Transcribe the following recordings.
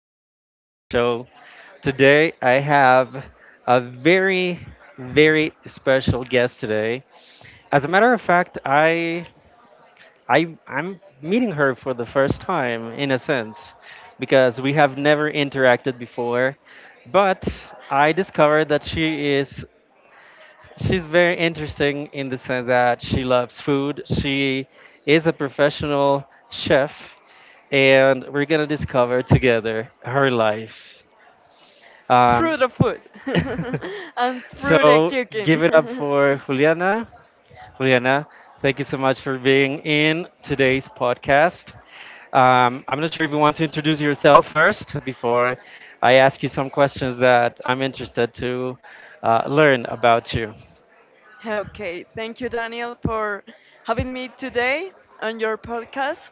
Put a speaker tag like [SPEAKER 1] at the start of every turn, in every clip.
[SPEAKER 1] of The Daniel Show. Today, I have a very, very special guest today. As a matter of fact, I'm meeting her for the first time, in a sense, because we have never interacted before. But I discovered that she's very interesting in the sense that she loves food. She is a professional chef, and we're gonna discover together her life. Um,
[SPEAKER 2] Through the food and through the
[SPEAKER 1] so
[SPEAKER 2] cooking.
[SPEAKER 1] give it up for Juliana. Juliana, thank you so much for being in today's podcast. I'm not sure if you want to introduce yourself first before I ask you some questions that I'm interested to learn about you.
[SPEAKER 2] Okay, thank you, Daniel, for having me today on your podcast.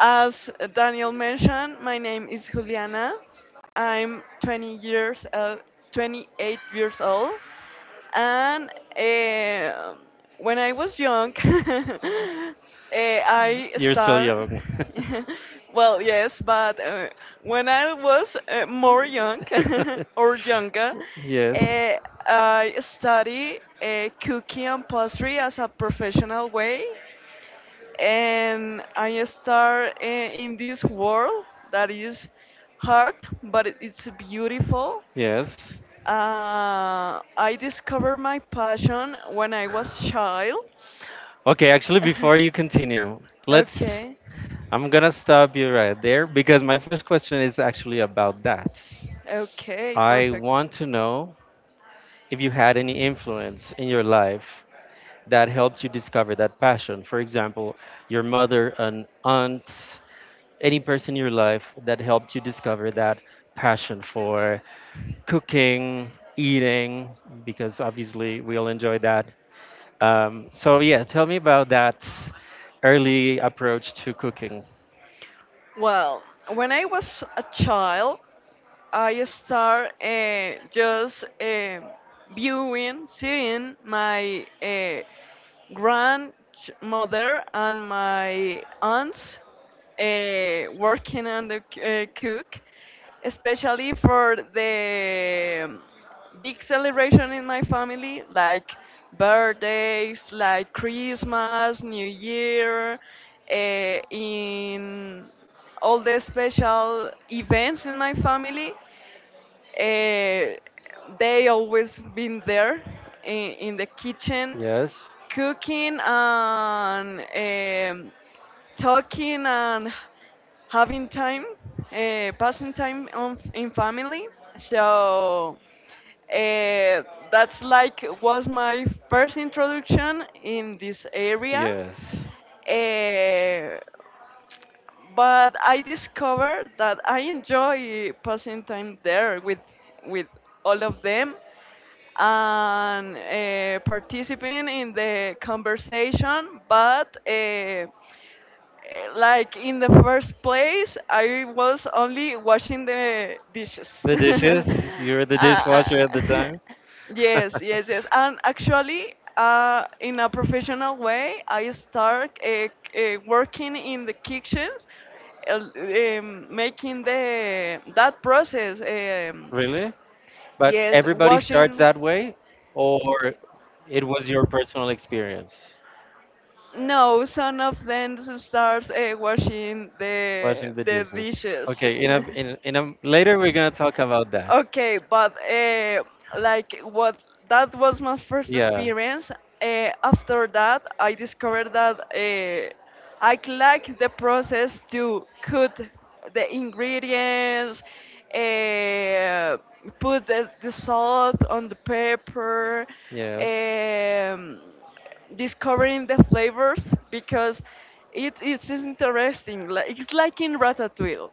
[SPEAKER 2] As Daniel mentioned, my name is Juliana. I'm 20 years old, 28 years old. And eh, when I was young, I
[SPEAKER 1] You're still
[SPEAKER 2] start.
[SPEAKER 1] young.
[SPEAKER 2] Well, yes, but when I was more young or younger,
[SPEAKER 1] Yes.
[SPEAKER 2] eh, I study cooking and pastry as a professional way, and I start in this world that is hard, but it's beautiful.
[SPEAKER 1] Yes.
[SPEAKER 2] I discovered my passion when I was child.
[SPEAKER 1] Okay, actually, before you continue, let's.
[SPEAKER 2] Okay,
[SPEAKER 1] I'm gonna stop you right there because my first question is actually about that.
[SPEAKER 2] okay,
[SPEAKER 1] I
[SPEAKER 2] perfect.
[SPEAKER 1] want to know if you had any influence in your life that helped you discover that passion. For example, your mother, an aunt, any person in your life that helped you discover that passion for cooking, eating, because obviously we all enjoy that. Yeah, tell me about that early approach to cooking.
[SPEAKER 2] Well, when I was a child, I start just viewing, seeing my grandmother and my aunts working on the cook, especially for the big celebration in my family, like birthdays, like Christmas, New Year. In all the special events in my family, uh, they always been there in the kitchen,
[SPEAKER 1] Yes?
[SPEAKER 2] cooking and talking and having time, passing time in family. So uh, that's like was my first introduction in this area.
[SPEAKER 1] Area. Yes.
[SPEAKER 2] Uh, but I discovered that I enjoy passing time there with all of them and participating in the conversation, but like in the first place I was only washing the dishes.
[SPEAKER 1] The dishes. You were the
[SPEAKER 2] Uh,
[SPEAKER 1] dishwasher at the time.
[SPEAKER 2] yes, yes, yes. And actually in a professional way I start working in the kitchens, uh, making the that process.
[SPEAKER 1] Really? But yes,
[SPEAKER 2] Yes,
[SPEAKER 1] everybody starts
[SPEAKER 2] washing.
[SPEAKER 1] that way, or it was your personal experience?
[SPEAKER 2] No, some of them starts washing the
[SPEAKER 1] Washing the
[SPEAKER 2] the
[SPEAKER 1] dishes.
[SPEAKER 2] dishes.
[SPEAKER 1] Okay, in a in a later we're gonna talk about that.
[SPEAKER 2] Okay, but like what, that was my first
[SPEAKER 1] Yeah.
[SPEAKER 2] experience. After that, I discovered that I like the process to cook the ingredients, uh, put the salt on the pepper,
[SPEAKER 1] Yes.
[SPEAKER 2] um, discovering the flavors, because it is interesting. Like it's like in Ratatouille,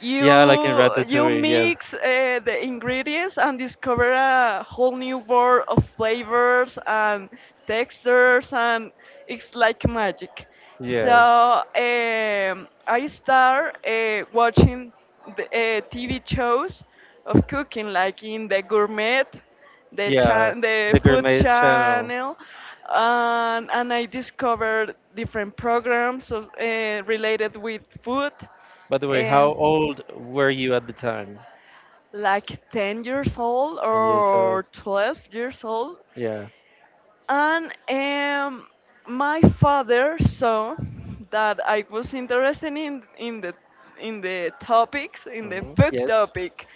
[SPEAKER 2] you
[SPEAKER 1] Yeah, like in Ratatouille. Yes.
[SPEAKER 2] mix the ingredients and discover a whole new world of flavors and textures, and it's like magic. So
[SPEAKER 1] Yes.
[SPEAKER 2] I start watching the TV shows of cooking, like in the gourmet,
[SPEAKER 1] Yeah.
[SPEAKER 2] the
[SPEAKER 1] The
[SPEAKER 2] food
[SPEAKER 1] Gourmet Channel.
[SPEAKER 2] channel, and I discovered different programs of, related with food.
[SPEAKER 1] By the way,
[SPEAKER 2] Um,
[SPEAKER 1] how old were you at the time?
[SPEAKER 2] like 10 years old
[SPEAKER 1] 10 years old.
[SPEAKER 2] or 12 years old.
[SPEAKER 1] Yeah.
[SPEAKER 2] And my father saw that I was interested in the topics, in the
[SPEAKER 1] Hmm.
[SPEAKER 2] food
[SPEAKER 1] Yes.
[SPEAKER 2] topic,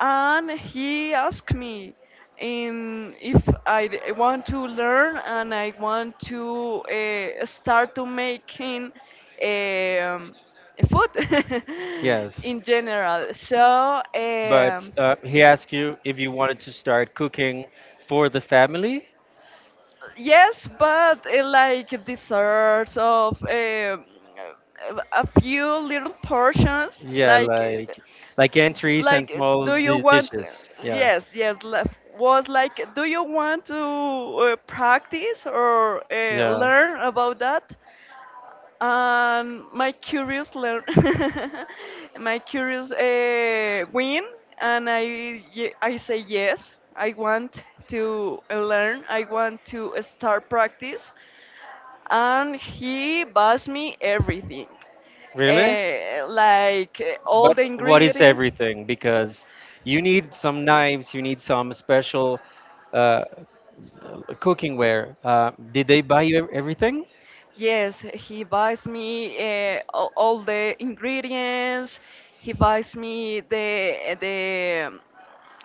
[SPEAKER 2] and he asked me in if I want to learn, and I want to start to making um, food
[SPEAKER 1] Yes.
[SPEAKER 2] in general. So.
[SPEAKER 1] But he asked you if you wanted to start cooking for the family.
[SPEAKER 2] Yes, but like desserts of a few little portions,
[SPEAKER 1] Yeah,
[SPEAKER 2] like
[SPEAKER 1] like entries and small
[SPEAKER 2] do you want?
[SPEAKER 1] dishes. Yeah.
[SPEAKER 2] Yes, yes. Was like, do you want to practice or
[SPEAKER 1] Yeah.
[SPEAKER 2] learn about that? My curious learn, my curious win, and I say yes. I want to learn. I want to start practice, and he buys me everything.
[SPEAKER 1] Really?
[SPEAKER 2] Like all
[SPEAKER 1] But
[SPEAKER 2] the
[SPEAKER 1] what is
[SPEAKER 2] ingredients.
[SPEAKER 1] everything? Because you need some knives, you need some special uh, cooking ware. Did they buy you everything?
[SPEAKER 2] Yes, he buys me all the ingredients. He buys me the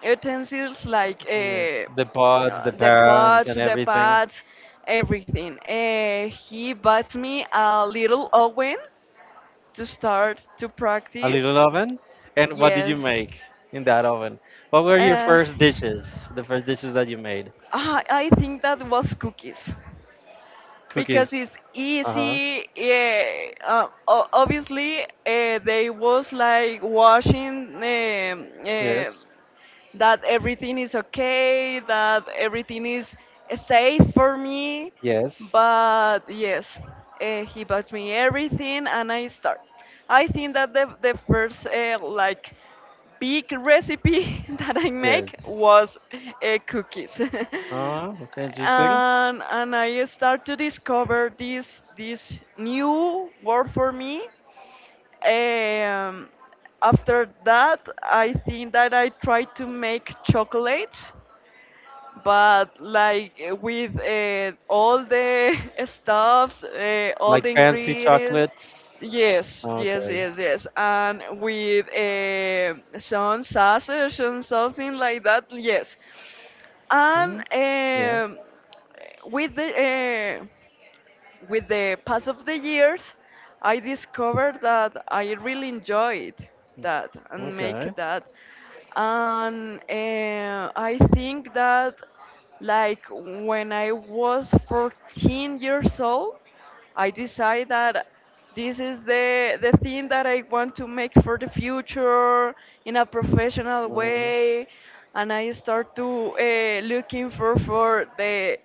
[SPEAKER 2] utensils, like
[SPEAKER 1] Yeah. The pots, the
[SPEAKER 2] the
[SPEAKER 1] pans,
[SPEAKER 2] pots,
[SPEAKER 1] and
[SPEAKER 2] the
[SPEAKER 1] everything.
[SPEAKER 2] pads, everything. He bought me a little oven to start to
[SPEAKER 1] A little
[SPEAKER 2] practice.
[SPEAKER 1] oven? And what did you
[SPEAKER 2] Yes.
[SPEAKER 1] make in that oven? What were your
[SPEAKER 2] Uh,
[SPEAKER 1] first dishes? The first dishes that you made?
[SPEAKER 2] I think that was cookies because
[SPEAKER 1] Cookies.
[SPEAKER 2] it's
[SPEAKER 1] Uh huh.
[SPEAKER 2] easy. Yeah, obviously they was like washing, uh,
[SPEAKER 1] Yes.
[SPEAKER 2] that everything is okay, that everything is safe for me.
[SPEAKER 1] Yes.
[SPEAKER 2] But yes, he buys me everything and I start. I think that the first like big recipe that I make
[SPEAKER 1] Yes.
[SPEAKER 2] was cookies. and
[SPEAKER 1] Interesting.
[SPEAKER 2] and I start to discover this new world for me. um, After that, I think that I tried to make chocolate, but like with all the stuffs, all
[SPEAKER 1] Like
[SPEAKER 2] the
[SPEAKER 1] fancy
[SPEAKER 2] ingredients.
[SPEAKER 1] chocolate.
[SPEAKER 2] Yes, yes,
[SPEAKER 1] Okay.
[SPEAKER 2] yes, yes. And with some sausage and something like that. Yes, and
[SPEAKER 1] Hmm? Yeah.
[SPEAKER 2] with the uh, with the pass of the years, I discovered that I really enjoyed that and make
[SPEAKER 1] Okay.
[SPEAKER 2] that. And I think that, like, when I was 14 years old, I decide that this is the thing that I want to make for the future in a professional
[SPEAKER 1] Um,
[SPEAKER 2] way, and I start to looking for the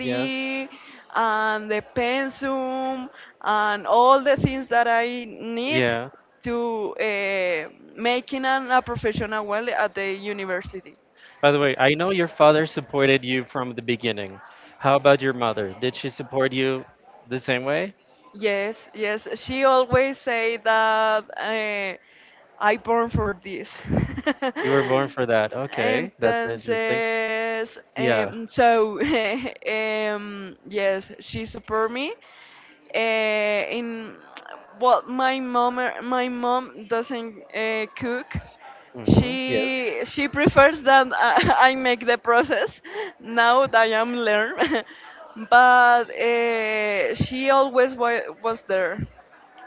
[SPEAKER 1] yes.
[SPEAKER 2] and the pensum and all the things that I need
[SPEAKER 1] Yeah.
[SPEAKER 2] to making a professional well at the university.
[SPEAKER 1] By the way, I know your father supported you from the beginning. How about your mother? Did she support you the same way?
[SPEAKER 2] Yes, yes. She always say that I born for this.
[SPEAKER 1] You were born for that. Okay, that's interesting.
[SPEAKER 2] Entonces,
[SPEAKER 1] Yeah.
[SPEAKER 2] so yes, she support me. Uh, in well, my mom doesn't cook.
[SPEAKER 1] Mm-hmm. Yes.
[SPEAKER 2] She prefers that I make the process now that I am learn. but she always was there,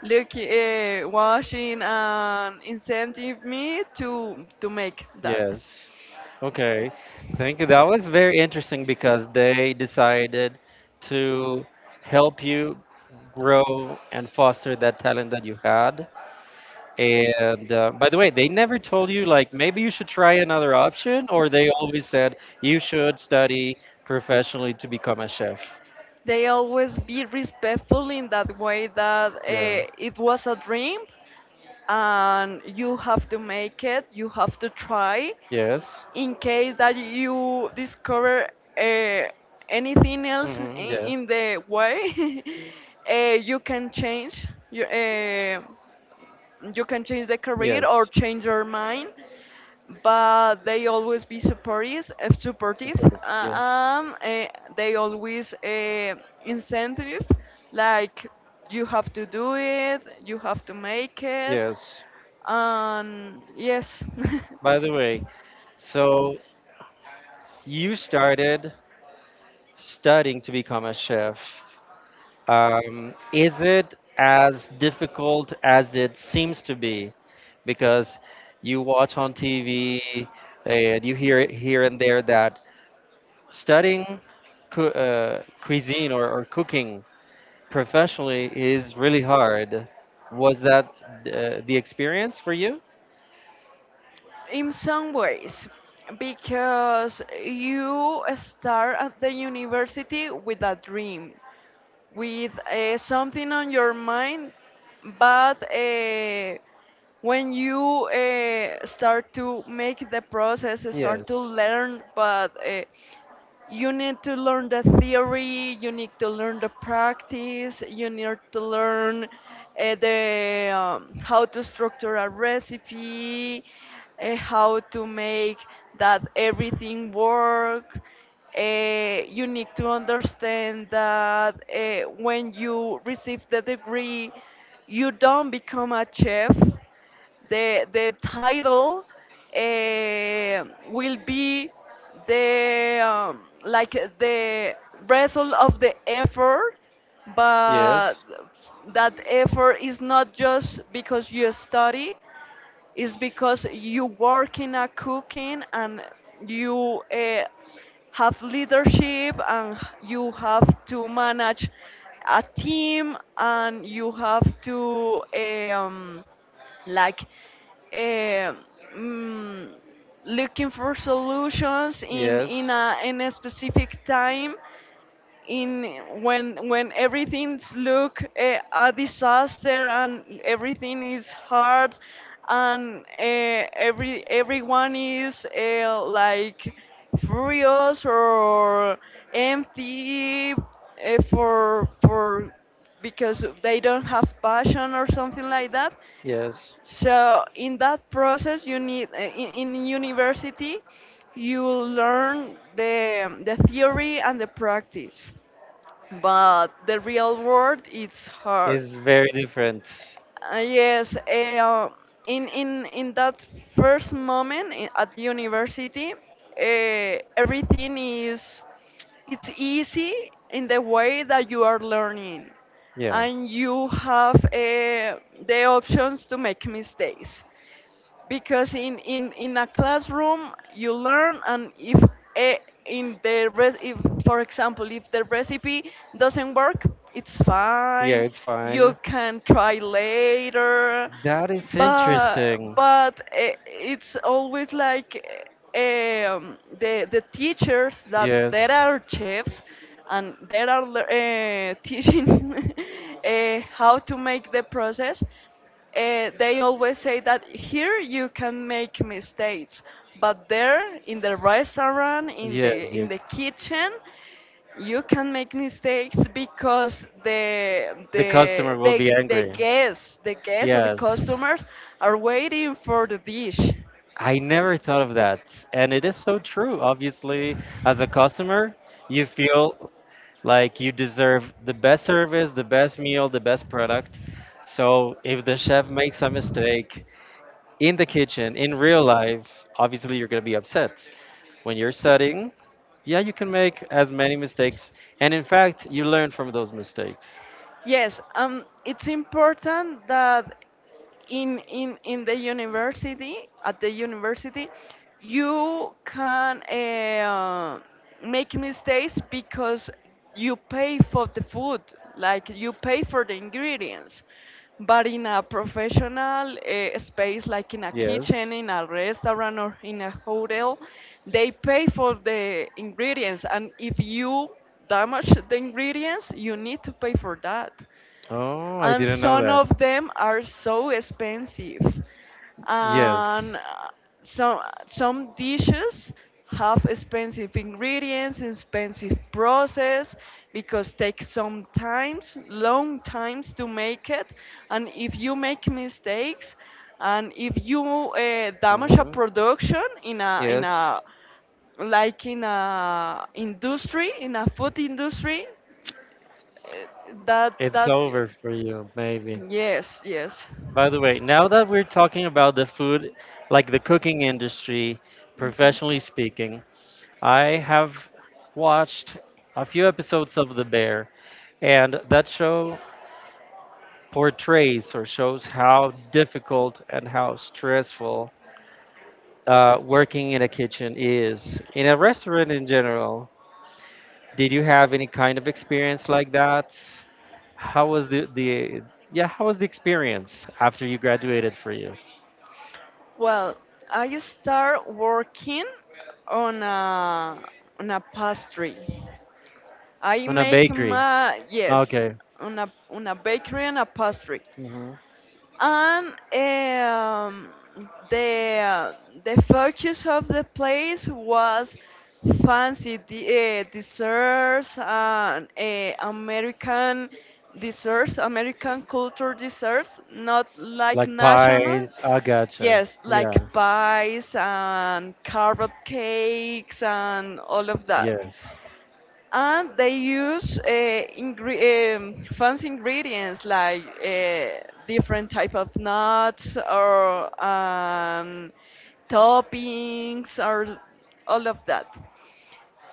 [SPEAKER 2] look, watching and incentive me to make that.
[SPEAKER 1] Yes. Okay. Thank you. That was very interesting because they decided to help you grow and foster that talent that you had. And by the way, they never told you like maybe you should try another option, or they always said you should study professionally to become a chef.
[SPEAKER 2] They always be respectful in that way that
[SPEAKER 1] Yeah.
[SPEAKER 2] it was a dream, and you have to make it, you have to try
[SPEAKER 1] Yes.
[SPEAKER 2] in case that you discover uh, anything else
[SPEAKER 1] Mm-hmm.
[SPEAKER 2] in,
[SPEAKER 1] Yeah.
[SPEAKER 2] in the way. You can change you can change the career or
[SPEAKER 1] Yes.
[SPEAKER 2] change your mind, but they always be supportive uh, supportive
[SPEAKER 1] Supportive.
[SPEAKER 2] uh,
[SPEAKER 1] Yes.
[SPEAKER 2] um, uh, They always incentive, like, you have to do it, you have to make it.
[SPEAKER 1] Yes.
[SPEAKER 2] And yes.
[SPEAKER 1] By the way, so you started studying to become a chef. Is it as difficult as it seems to be? Because you watch on TV and you hear it here and there that studying cu cuisine or cooking professionally is really hard. Was that the experience for you?
[SPEAKER 2] In some ways, because you start at the university with a dream, with something on your mind. But when you start to make the process, start to
[SPEAKER 1] Yes.
[SPEAKER 2] learn, but you need to learn the theory, you need to learn the practice, you need to learn the how to structure a recipe, how to make that everything work. You need to understand that when you receive the degree, you don't become a chef. The title will be the, like, the result of the effort, but
[SPEAKER 1] Yes.
[SPEAKER 2] that effort is not just because you study, is because you work in a cooking, and you have leadership, and you have to manage a team, and you have to, like eh, mm, looking for solutions
[SPEAKER 1] Yes.
[SPEAKER 2] in a specific time, in when everything's look a disaster and everything is hard, and everyone is like furious or empty, for because they don't have passion or something like that.
[SPEAKER 1] Yes.
[SPEAKER 2] So in that process, you need in university, you learn the theory and the practice, but the real world, it's hard.
[SPEAKER 1] It's very different.
[SPEAKER 2] Yes, in that first moment, at university, everything is it's easy in the way that you are learning,
[SPEAKER 1] Yeah.
[SPEAKER 2] and you have the options to make mistakes, because in a classroom you learn, and if eh, if, for example, if the recipe doesn't work, it's
[SPEAKER 1] Yeah,
[SPEAKER 2] fine,
[SPEAKER 1] it's
[SPEAKER 2] you
[SPEAKER 1] fine.
[SPEAKER 2] can try later.
[SPEAKER 1] That is
[SPEAKER 2] But
[SPEAKER 1] interesting.
[SPEAKER 2] it's always like, the teachers that
[SPEAKER 1] Yes.
[SPEAKER 2] there are chefs, and there are teaching, how to make the process, they always say that here you can make mistakes, but there in the restaurant,
[SPEAKER 1] Yes,
[SPEAKER 2] in
[SPEAKER 1] you
[SPEAKER 2] the kitchen, you can make mistakes because
[SPEAKER 1] the customer will be angry.
[SPEAKER 2] the guests or the
[SPEAKER 1] Yes.
[SPEAKER 2] customers are waiting for the dish.
[SPEAKER 1] I never thought of that. And it is so true. Obviously, as a customer, you feel like you deserve the best service, the best meal, the best product. So if the chef makes a mistake in the kitchen, in real life, obviously you're going to be upset. When you're studying, yeah, you can make as many mistakes. And in fact, you learn from those mistakes.
[SPEAKER 2] Yes, it's important that in the university at the university you can make mistakes, because you pay for the food, like you pay for the ingredients. But in a professional space, like in a kitchen,
[SPEAKER 1] Yes.
[SPEAKER 2] in a restaurant, or in a hotel, they pay for the ingredients, and if you damage the ingredients, you need to pay for that,
[SPEAKER 1] Oh, I
[SPEAKER 2] and
[SPEAKER 1] didn't know
[SPEAKER 2] some
[SPEAKER 1] that.
[SPEAKER 2] of them are so expensive, and
[SPEAKER 1] Yes.
[SPEAKER 2] some some dishes have expensive ingredients, expensive process, because takes some times, long times to make it. And if you make mistakes, and if you damage a
[SPEAKER 1] Mhm.
[SPEAKER 2] production in
[SPEAKER 1] Yes.
[SPEAKER 2] a, like, in a industry, in a food industry, eh, that
[SPEAKER 1] It's
[SPEAKER 2] that
[SPEAKER 1] over for you, maybe.
[SPEAKER 2] Yes, yes.
[SPEAKER 1] By the way, now that we're talking about the food, like the cooking industry, professionally speaking, I have watched a few episodes of The Bear, and that show portrays or shows how difficult and how stressful working in a kitchen is. In a restaurant in general, did you have any kind of experience like that? How was the yeah, how was the experience after you graduated for you?
[SPEAKER 2] Well, I start working on a on a pastry. I
[SPEAKER 1] On a
[SPEAKER 2] make
[SPEAKER 1] bakery.
[SPEAKER 2] my Yes,
[SPEAKER 1] Okay.
[SPEAKER 2] on a bakery and a pastry.
[SPEAKER 1] Hmm.
[SPEAKER 2] And um, the the focus of the place was fancy desserts and American desserts, American culture desserts, not like
[SPEAKER 1] Like
[SPEAKER 2] national.
[SPEAKER 1] pies. I gotcha.
[SPEAKER 2] Yes, like
[SPEAKER 1] Yeah.
[SPEAKER 2] pies and carrot cakes and all of that,
[SPEAKER 1] Yes.
[SPEAKER 2] and they use fancy ingredients, like different type of nuts or toppings or all of that.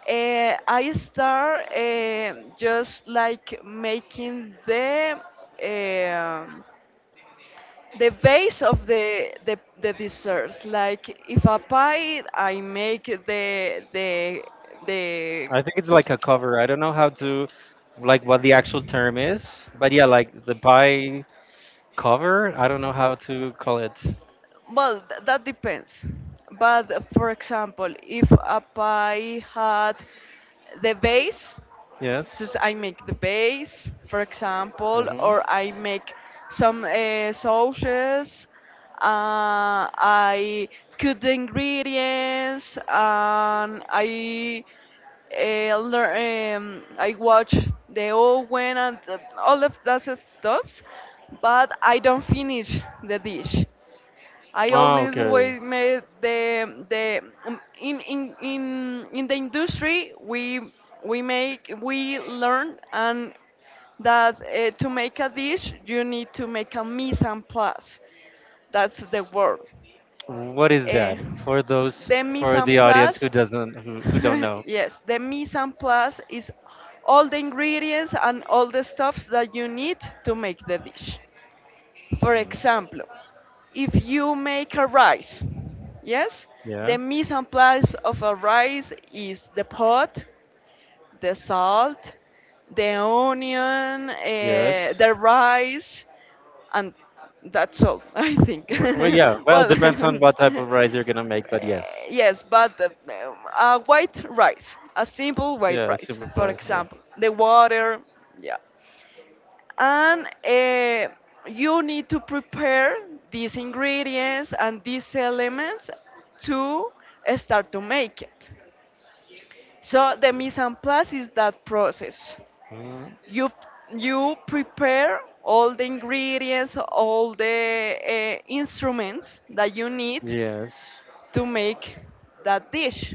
[SPEAKER 2] I start just, like, making um the base of the desserts. Like if a pie, I make the.
[SPEAKER 1] I think it's like a cover. I don't know how to, like, what the actual term is, but yeah, like the pie cover. I don't know how to call it.
[SPEAKER 2] Well, that depends. But for example, if a pie had the base,
[SPEAKER 1] Yes.
[SPEAKER 2] just I make the base, for example,
[SPEAKER 1] Hmm.
[SPEAKER 2] or I make some sauces. I cook the ingredients, and I learn, I watch the oven and all of that stuff, but I don't finish the dish. I
[SPEAKER 1] Oh,
[SPEAKER 2] always
[SPEAKER 1] okay.
[SPEAKER 2] we made the In in the industry, we make, we learn, and that, to make a dish you need to make a mise en place. That's the word.
[SPEAKER 1] What is that
[SPEAKER 2] Eh,
[SPEAKER 1] for those
[SPEAKER 2] the mise
[SPEAKER 1] for
[SPEAKER 2] en
[SPEAKER 1] the audience
[SPEAKER 2] place
[SPEAKER 1] who doesn't who don't know?
[SPEAKER 2] yes, the mise en place is all the ingredients and all the stuffs that you need to make the dish. For
[SPEAKER 1] Hmm.
[SPEAKER 2] example, if you make a rice, yes, the
[SPEAKER 1] Yeah.
[SPEAKER 2] mise en place of a rice is the pot, the salt, the onion,
[SPEAKER 1] Yes.
[SPEAKER 2] the rice, and that's all, I think.
[SPEAKER 1] Well, well, yeah. Well,
[SPEAKER 2] well,
[SPEAKER 1] depends on what type of rice you're gonna make, but yes.
[SPEAKER 2] yes, but white rice, a simple white
[SPEAKER 1] Yeah,
[SPEAKER 2] rice,
[SPEAKER 1] super
[SPEAKER 2] for
[SPEAKER 1] plain. Yeah.
[SPEAKER 2] example, the water, yeah, and you need to prepare these ingredients and these elements to start to make it. So the mise en place is that process.
[SPEAKER 1] Mhm.
[SPEAKER 2] You you prepare all the ingredients, all the instruments that you need
[SPEAKER 1] Yes.
[SPEAKER 2] to make that dish.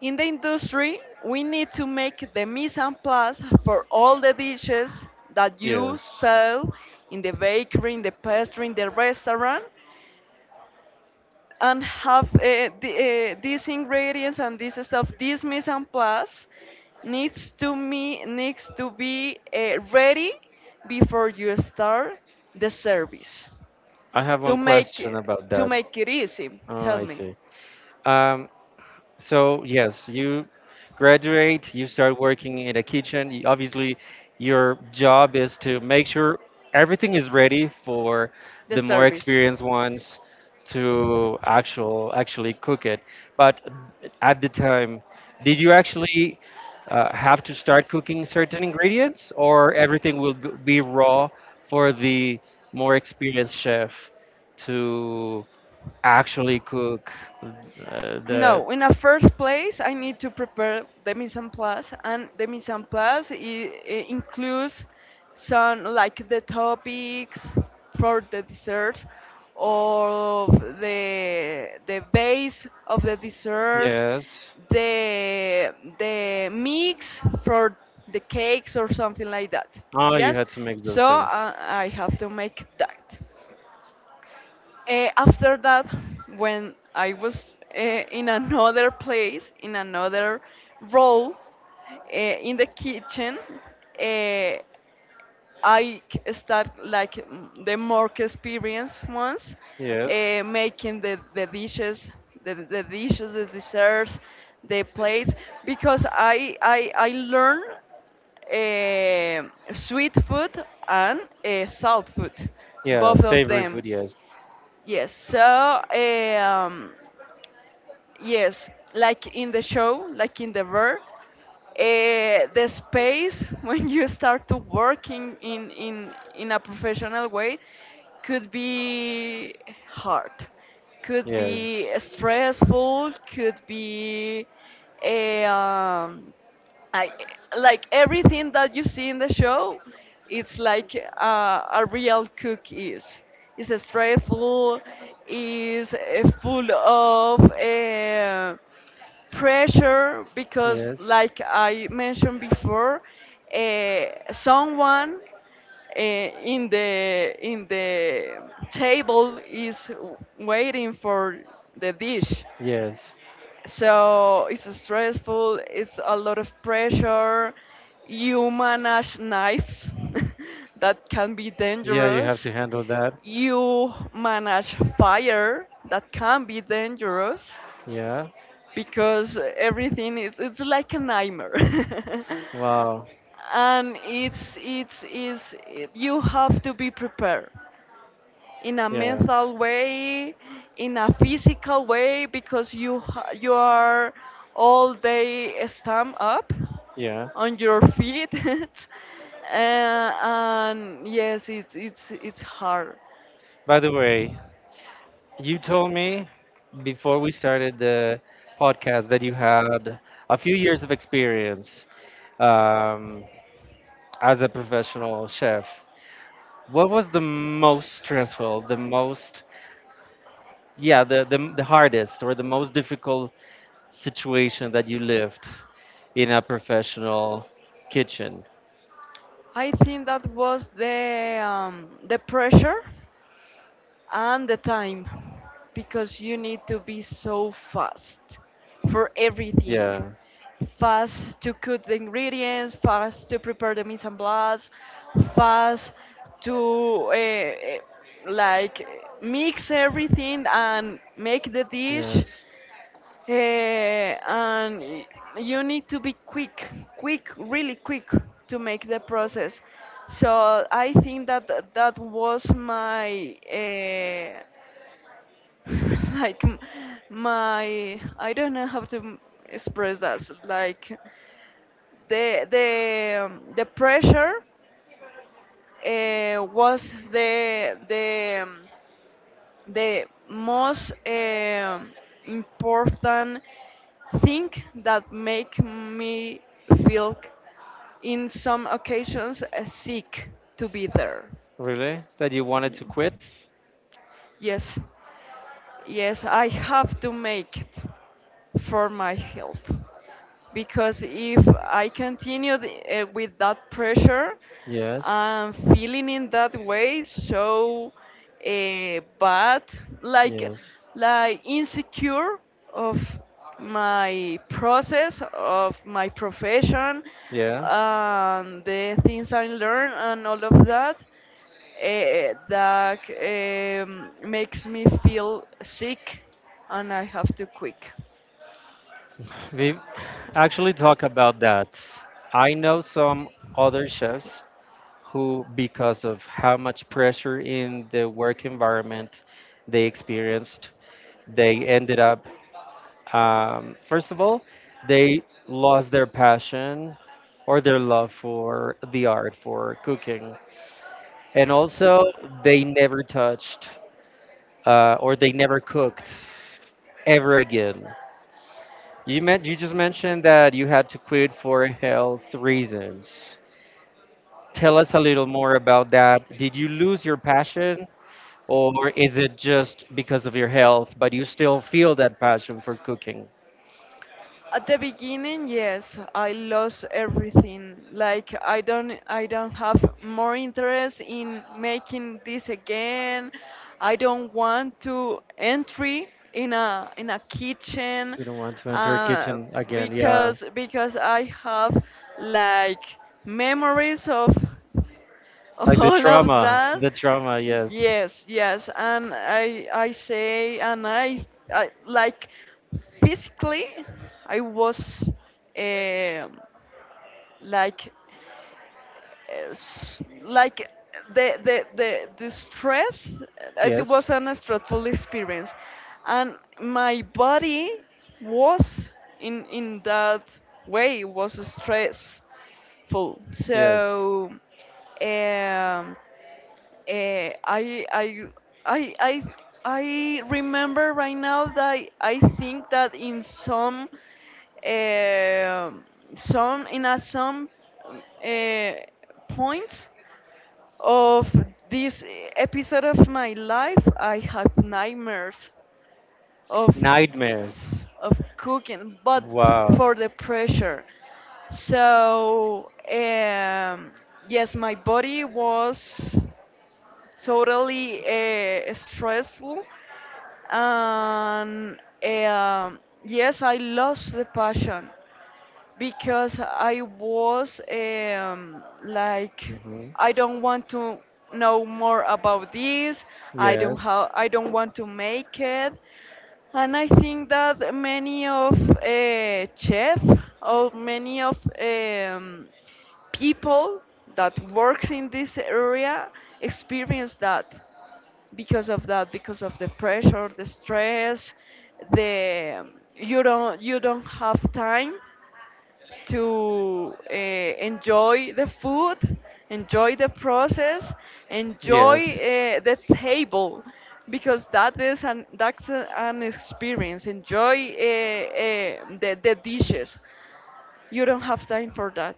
[SPEAKER 2] In the industry, we need to make the mise en place for all the dishes that you
[SPEAKER 1] Yes.
[SPEAKER 2] sell in the bakery, in the pastry, in the restaurant, and have these ingredients and this stuff. This mise en place needs to be ready before you start the service
[SPEAKER 1] I have
[SPEAKER 2] to
[SPEAKER 1] one
[SPEAKER 2] make
[SPEAKER 1] question
[SPEAKER 2] it,
[SPEAKER 1] about
[SPEAKER 2] to
[SPEAKER 1] that.
[SPEAKER 2] make it easy.
[SPEAKER 1] Oh,
[SPEAKER 2] Tell
[SPEAKER 1] I
[SPEAKER 2] me.
[SPEAKER 1] see. Um, So yes, you graduate, you start working in a kitchen. Obviously, your job is to make sure everything is ready for the more experienced ones to actually cook it. But at the time, did you actually have to start cooking certain ingredients, or everything will be raw for the more experienced chef to actually cook the
[SPEAKER 2] No, in a first place, I need to prepare the mise en place, and the mise en place includes some like the topics for the desserts or the base of the desserts,
[SPEAKER 1] Yes.
[SPEAKER 2] the the mix for the cakes or something like that.
[SPEAKER 1] Ah, you
[SPEAKER 2] Yes,
[SPEAKER 1] had to mix those
[SPEAKER 2] so
[SPEAKER 1] things.
[SPEAKER 2] I have to make that. After that, when I was in another place, in another role, in the kitchen, uh, I start like the more experienced ones,
[SPEAKER 1] Yes.
[SPEAKER 2] making the dishes, the dishes, the desserts, the plates, because I learn eh, sweet food and salt food,
[SPEAKER 1] Yeah,
[SPEAKER 2] both of
[SPEAKER 1] savory
[SPEAKER 2] them.
[SPEAKER 1] food. Yes.
[SPEAKER 2] Yes, so um, yes, like in the show, like in the space when you start to working in a professional way could be hard, could
[SPEAKER 1] Yes.
[SPEAKER 2] be stressful, eh, um, I like everything that you see in the show. It's like a real cook is. It's stressful. Is full of pressure because,
[SPEAKER 1] Yes.
[SPEAKER 2] like I mentioned before, uh, someone in the table is waiting for the dish,
[SPEAKER 1] Yes.
[SPEAKER 2] so it's stressful, it's a lot of pressure. You manage knives that can be
[SPEAKER 1] Yeah, you have
[SPEAKER 2] dangerous.
[SPEAKER 1] to handle that.
[SPEAKER 2] You manage fire that can be dangerous
[SPEAKER 1] Yeah.
[SPEAKER 2] because everything is it's like a nightmare.
[SPEAKER 1] Wow.
[SPEAKER 2] And you have to be prepared in a
[SPEAKER 1] Yeah.
[SPEAKER 2] mental way, in a physical way, because you are all day stand up
[SPEAKER 1] Yeah.
[SPEAKER 2] on your feet, and yes, it's hard.
[SPEAKER 1] By the way, you told me before we started the podcast that you had a few years of experience um, as a professional chef, what was the most stressful, the most, yeah, the hardest or the most difficult situation that you lived in a professional kitchen?
[SPEAKER 2] I think that was the pressure and the time because you need to be so fast for everything,
[SPEAKER 1] Yeah,
[SPEAKER 2] fast to cook the ingredients, fast to prepare the mise en place, fast to uh, eh, like mix everything and make the dish.
[SPEAKER 1] yes.
[SPEAKER 2] And you need to be quick, quick, really quick to make the process. So I think that that was my like m- my I don't know how to express that. Like the pressure was the most important thing that make me feel in some occasions sick to be there.
[SPEAKER 1] Really? That you wanted
[SPEAKER 2] Yeah.
[SPEAKER 1] to quit?
[SPEAKER 2] Yes. Yes, I have to make it for my health because if I continue the, with that pressure,
[SPEAKER 1] Yes,
[SPEAKER 2] I'm feeling in that way so bad, like
[SPEAKER 1] yes.
[SPEAKER 2] like insecure of my process, of my profession,
[SPEAKER 1] Yeah.
[SPEAKER 2] the things I learn, and all of that makes me feel sick and I have to quit.
[SPEAKER 1] We actually talk about that. I know some other chefs who, because of how much pressure in the work environment they experienced, they ended up, first of all, they lost their passion or their love for the art, for cooking. And also, they never touched or they never cooked ever again. You just mentioned that you had to quit for health reasons. Tell us a little more about that. Did you lose your passion? Or is it just because of your health, but you still feel that passion for cooking?
[SPEAKER 2] At the beginning, yes, I lost everything. Like I don't have more interest in making this again. I don't want to entry in a kitchen
[SPEAKER 1] You don't want to enter a
[SPEAKER 2] uh,
[SPEAKER 1] kitchen again. Yeah.
[SPEAKER 2] because I have like memories
[SPEAKER 1] Like
[SPEAKER 2] of
[SPEAKER 1] the
[SPEAKER 2] all of
[SPEAKER 1] trauma.
[SPEAKER 2] that.
[SPEAKER 1] The trauma, yes.
[SPEAKER 2] Yes, yes, and I, I like physically I was um like like the stress, it
[SPEAKER 1] Yes,
[SPEAKER 2] was an stressful experience and my body was in that way was stressful,
[SPEAKER 1] yes.
[SPEAKER 2] so um Eh, I, I, I, I, I remember right now that I think that in some, eh, some in a some uh, points of this episode of my life, I have nightmares of
[SPEAKER 1] Nightmares.
[SPEAKER 2] of cooking, but
[SPEAKER 1] Wow.
[SPEAKER 2] for the pressure. So yes, my body was totally stressful and um yes, I lost the passion because I was like
[SPEAKER 1] Hmm.
[SPEAKER 2] I don't want to know more about this,
[SPEAKER 1] Yes,
[SPEAKER 2] I don't want to make it. And I think that many of chef or many of people that works in this area experience that because of that, because of the pressure, the stress, the you don't have time to enjoy the food, enjoy the process, enjoy
[SPEAKER 1] yes,
[SPEAKER 2] the table, because that's an experience, enjoy the dishes. You don't have time for that,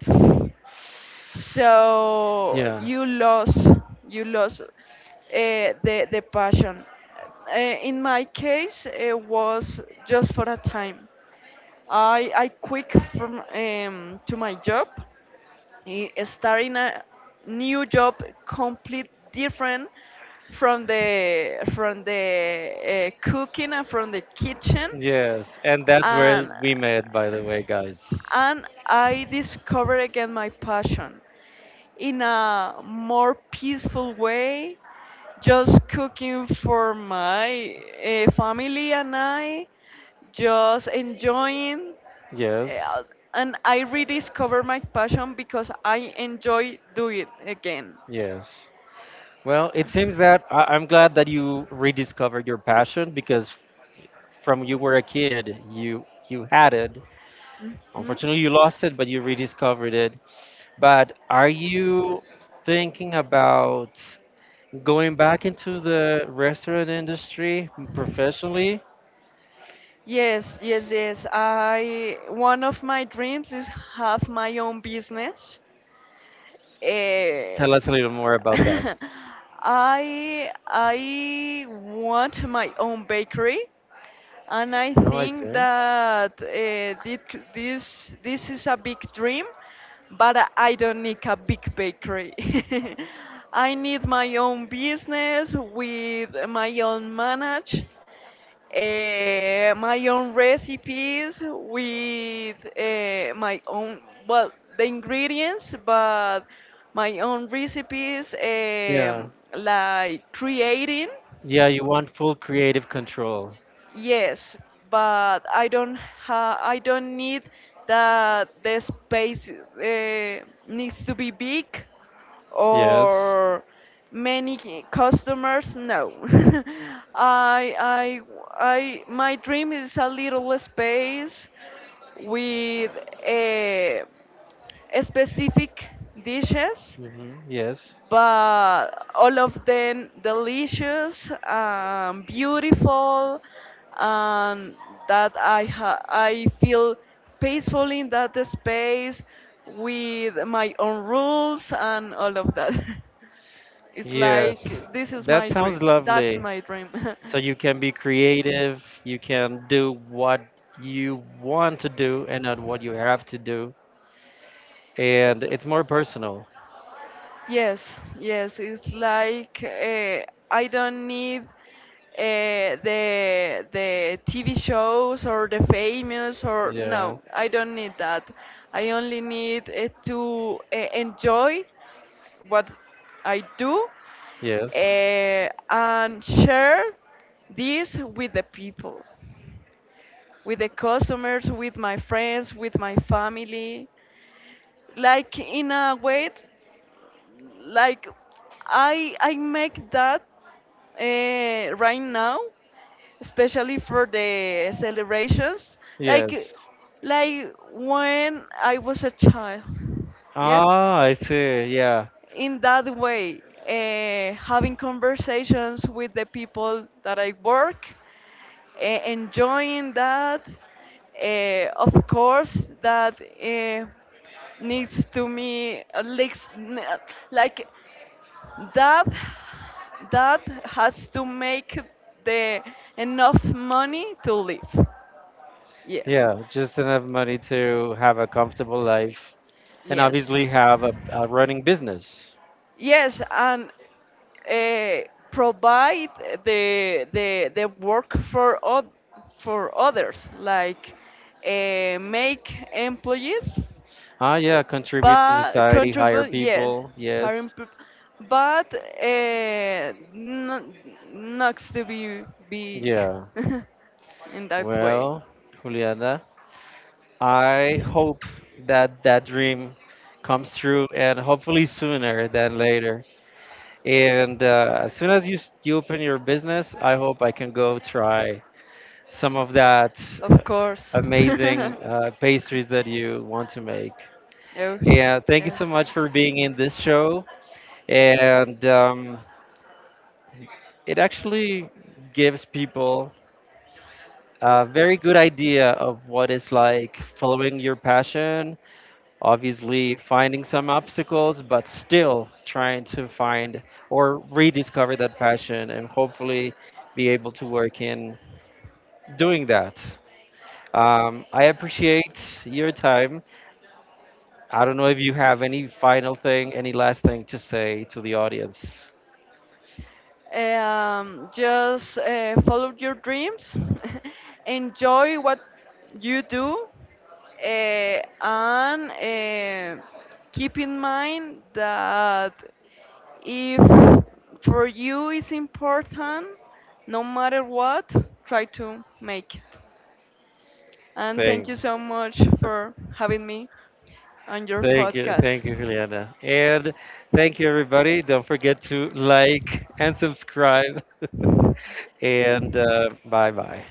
[SPEAKER 2] so
[SPEAKER 1] yeah,
[SPEAKER 2] you lost the passion. In my case, it was just for a time. I quit from to my job, starting a new job, complete different from the cooking and from the kitchen,
[SPEAKER 1] yes. And that's where
[SPEAKER 2] and
[SPEAKER 1] we met, by the way, guys.
[SPEAKER 2] and I discovered again my passion in a more peaceful way, just cooking for my family and I, just enjoying.
[SPEAKER 1] Yes,
[SPEAKER 2] uh, and I rediscover my passion because I enjoy doing it again.
[SPEAKER 1] yes. Well, it seems that I'm glad that you rediscovered your passion because from you were a kid you had it unfortunately you lost it but you rediscovered it but are you thinking about going back into the restaurant industry
[SPEAKER 2] Mhm.
[SPEAKER 1] professionally
[SPEAKER 2] Yes, yes, yes. I, one of my dreams is have my own business. Eh,
[SPEAKER 1] tell us a little more about that.
[SPEAKER 2] I want my own bakery, and I
[SPEAKER 1] Oh, I
[SPEAKER 2] think
[SPEAKER 1] see.
[SPEAKER 2] that this this is a big dream, but I don't need a big bakery. I need my own business with my own manage, my own recipes, with my own, well, the ingredients, but my own recipes,
[SPEAKER 1] Yeah.
[SPEAKER 2] like creating.
[SPEAKER 1] Yeah, you want full creative control.
[SPEAKER 2] Yes, but I don't need that the space needs to be big
[SPEAKER 1] Yes.
[SPEAKER 2] or many customers. No, I I I, my dream is a little space with a specific dishes,
[SPEAKER 1] Hmm. Yes.
[SPEAKER 2] but all of them delicious and beautiful, and that I feel peaceful in that space with my own rules and all of that. It's
[SPEAKER 1] Yes,
[SPEAKER 2] like this is
[SPEAKER 1] that
[SPEAKER 2] my
[SPEAKER 1] sounds
[SPEAKER 2] dream.
[SPEAKER 1] lovely.
[SPEAKER 2] That's my dream.
[SPEAKER 1] So you can be creative, you can do what you want to do and not what you have to do. And it's more personal.
[SPEAKER 2] Yes, yes, it's like I don't need the TV shows or the famous or
[SPEAKER 1] Yeah.
[SPEAKER 2] no, I don't need that. I only need to enjoy what I do
[SPEAKER 1] Yes.
[SPEAKER 2] and share this with the people, with the customers, with my friends, with my family, like in a way, like I make that right now, especially for the celebrations, like
[SPEAKER 1] Yes.
[SPEAKER 2] like when I was a child. Yes,
[SPEAKER 1] Ah, I see. Yeah.
[SPEAKER 2] in that way, having conversations with the people that I work, enjoying that. Of course that needs to me like that, that has to make the enough money to live. Yes,
[SPEAKER 1] Yeah. Just enough money to have a comfortable life and
[SPEAKER 2] yes,
[SPEAKER 1] obviously have a running business.
[SPEAKER 2] yes and provide the work for for others, like make employees,
[SPEAKER 1] Ah, yeah. Contribute to
[SPEAKER 2] but
[SPEAKER 1] society, hire
[SPEAKER 2] controversial, yes.
[SPEAKER 1] people.
[SPEAKER 2] harry
[SPEAKER 1] Yes.
[SPEAKER 2] P- but not, not to be big
[SPEAKER 1] Yeah.
[SPEAKER 2] in that way.
[SPEAKER 1] Well, Juliana. I hope that that dream comes true and hopefully sooner than later. And as soon as you, you open your business, I hope I can go try some of that uh,
[SPEAKER 2] Of course.
[SPEAKER 1] amazing pastries that you want to make.
[SPEAKER 2] Oh,
[SPEAKER 1] And thank you
[SPEAKER 2] yes.
[SPEAKER 1] so much for being in this show. And it actually gives people a very good idea of what it's like following your passion, obviously finding some obstacles, but still trying to find or rediscover that passion and hopefully be able to work in doing that. I appreciate your time. I don't know if you have any final thing, any last thing to say to the audience.
[SPEAKER 2] Just follow your dreams, enjoy what you do, and keep in mind that if for you it's important, no matter what, try to make it. And thank you
[SPEAKER 1] Thank you.
[SPEAKER 2] so much for having me on your
[SPEAKER 1] Thank you. Thank
[SPEAKER 2] podcast.
[SPEAKER 1] you, Juliana. And thank you, everybody. Don't forget to like and subscribe. And bye bye.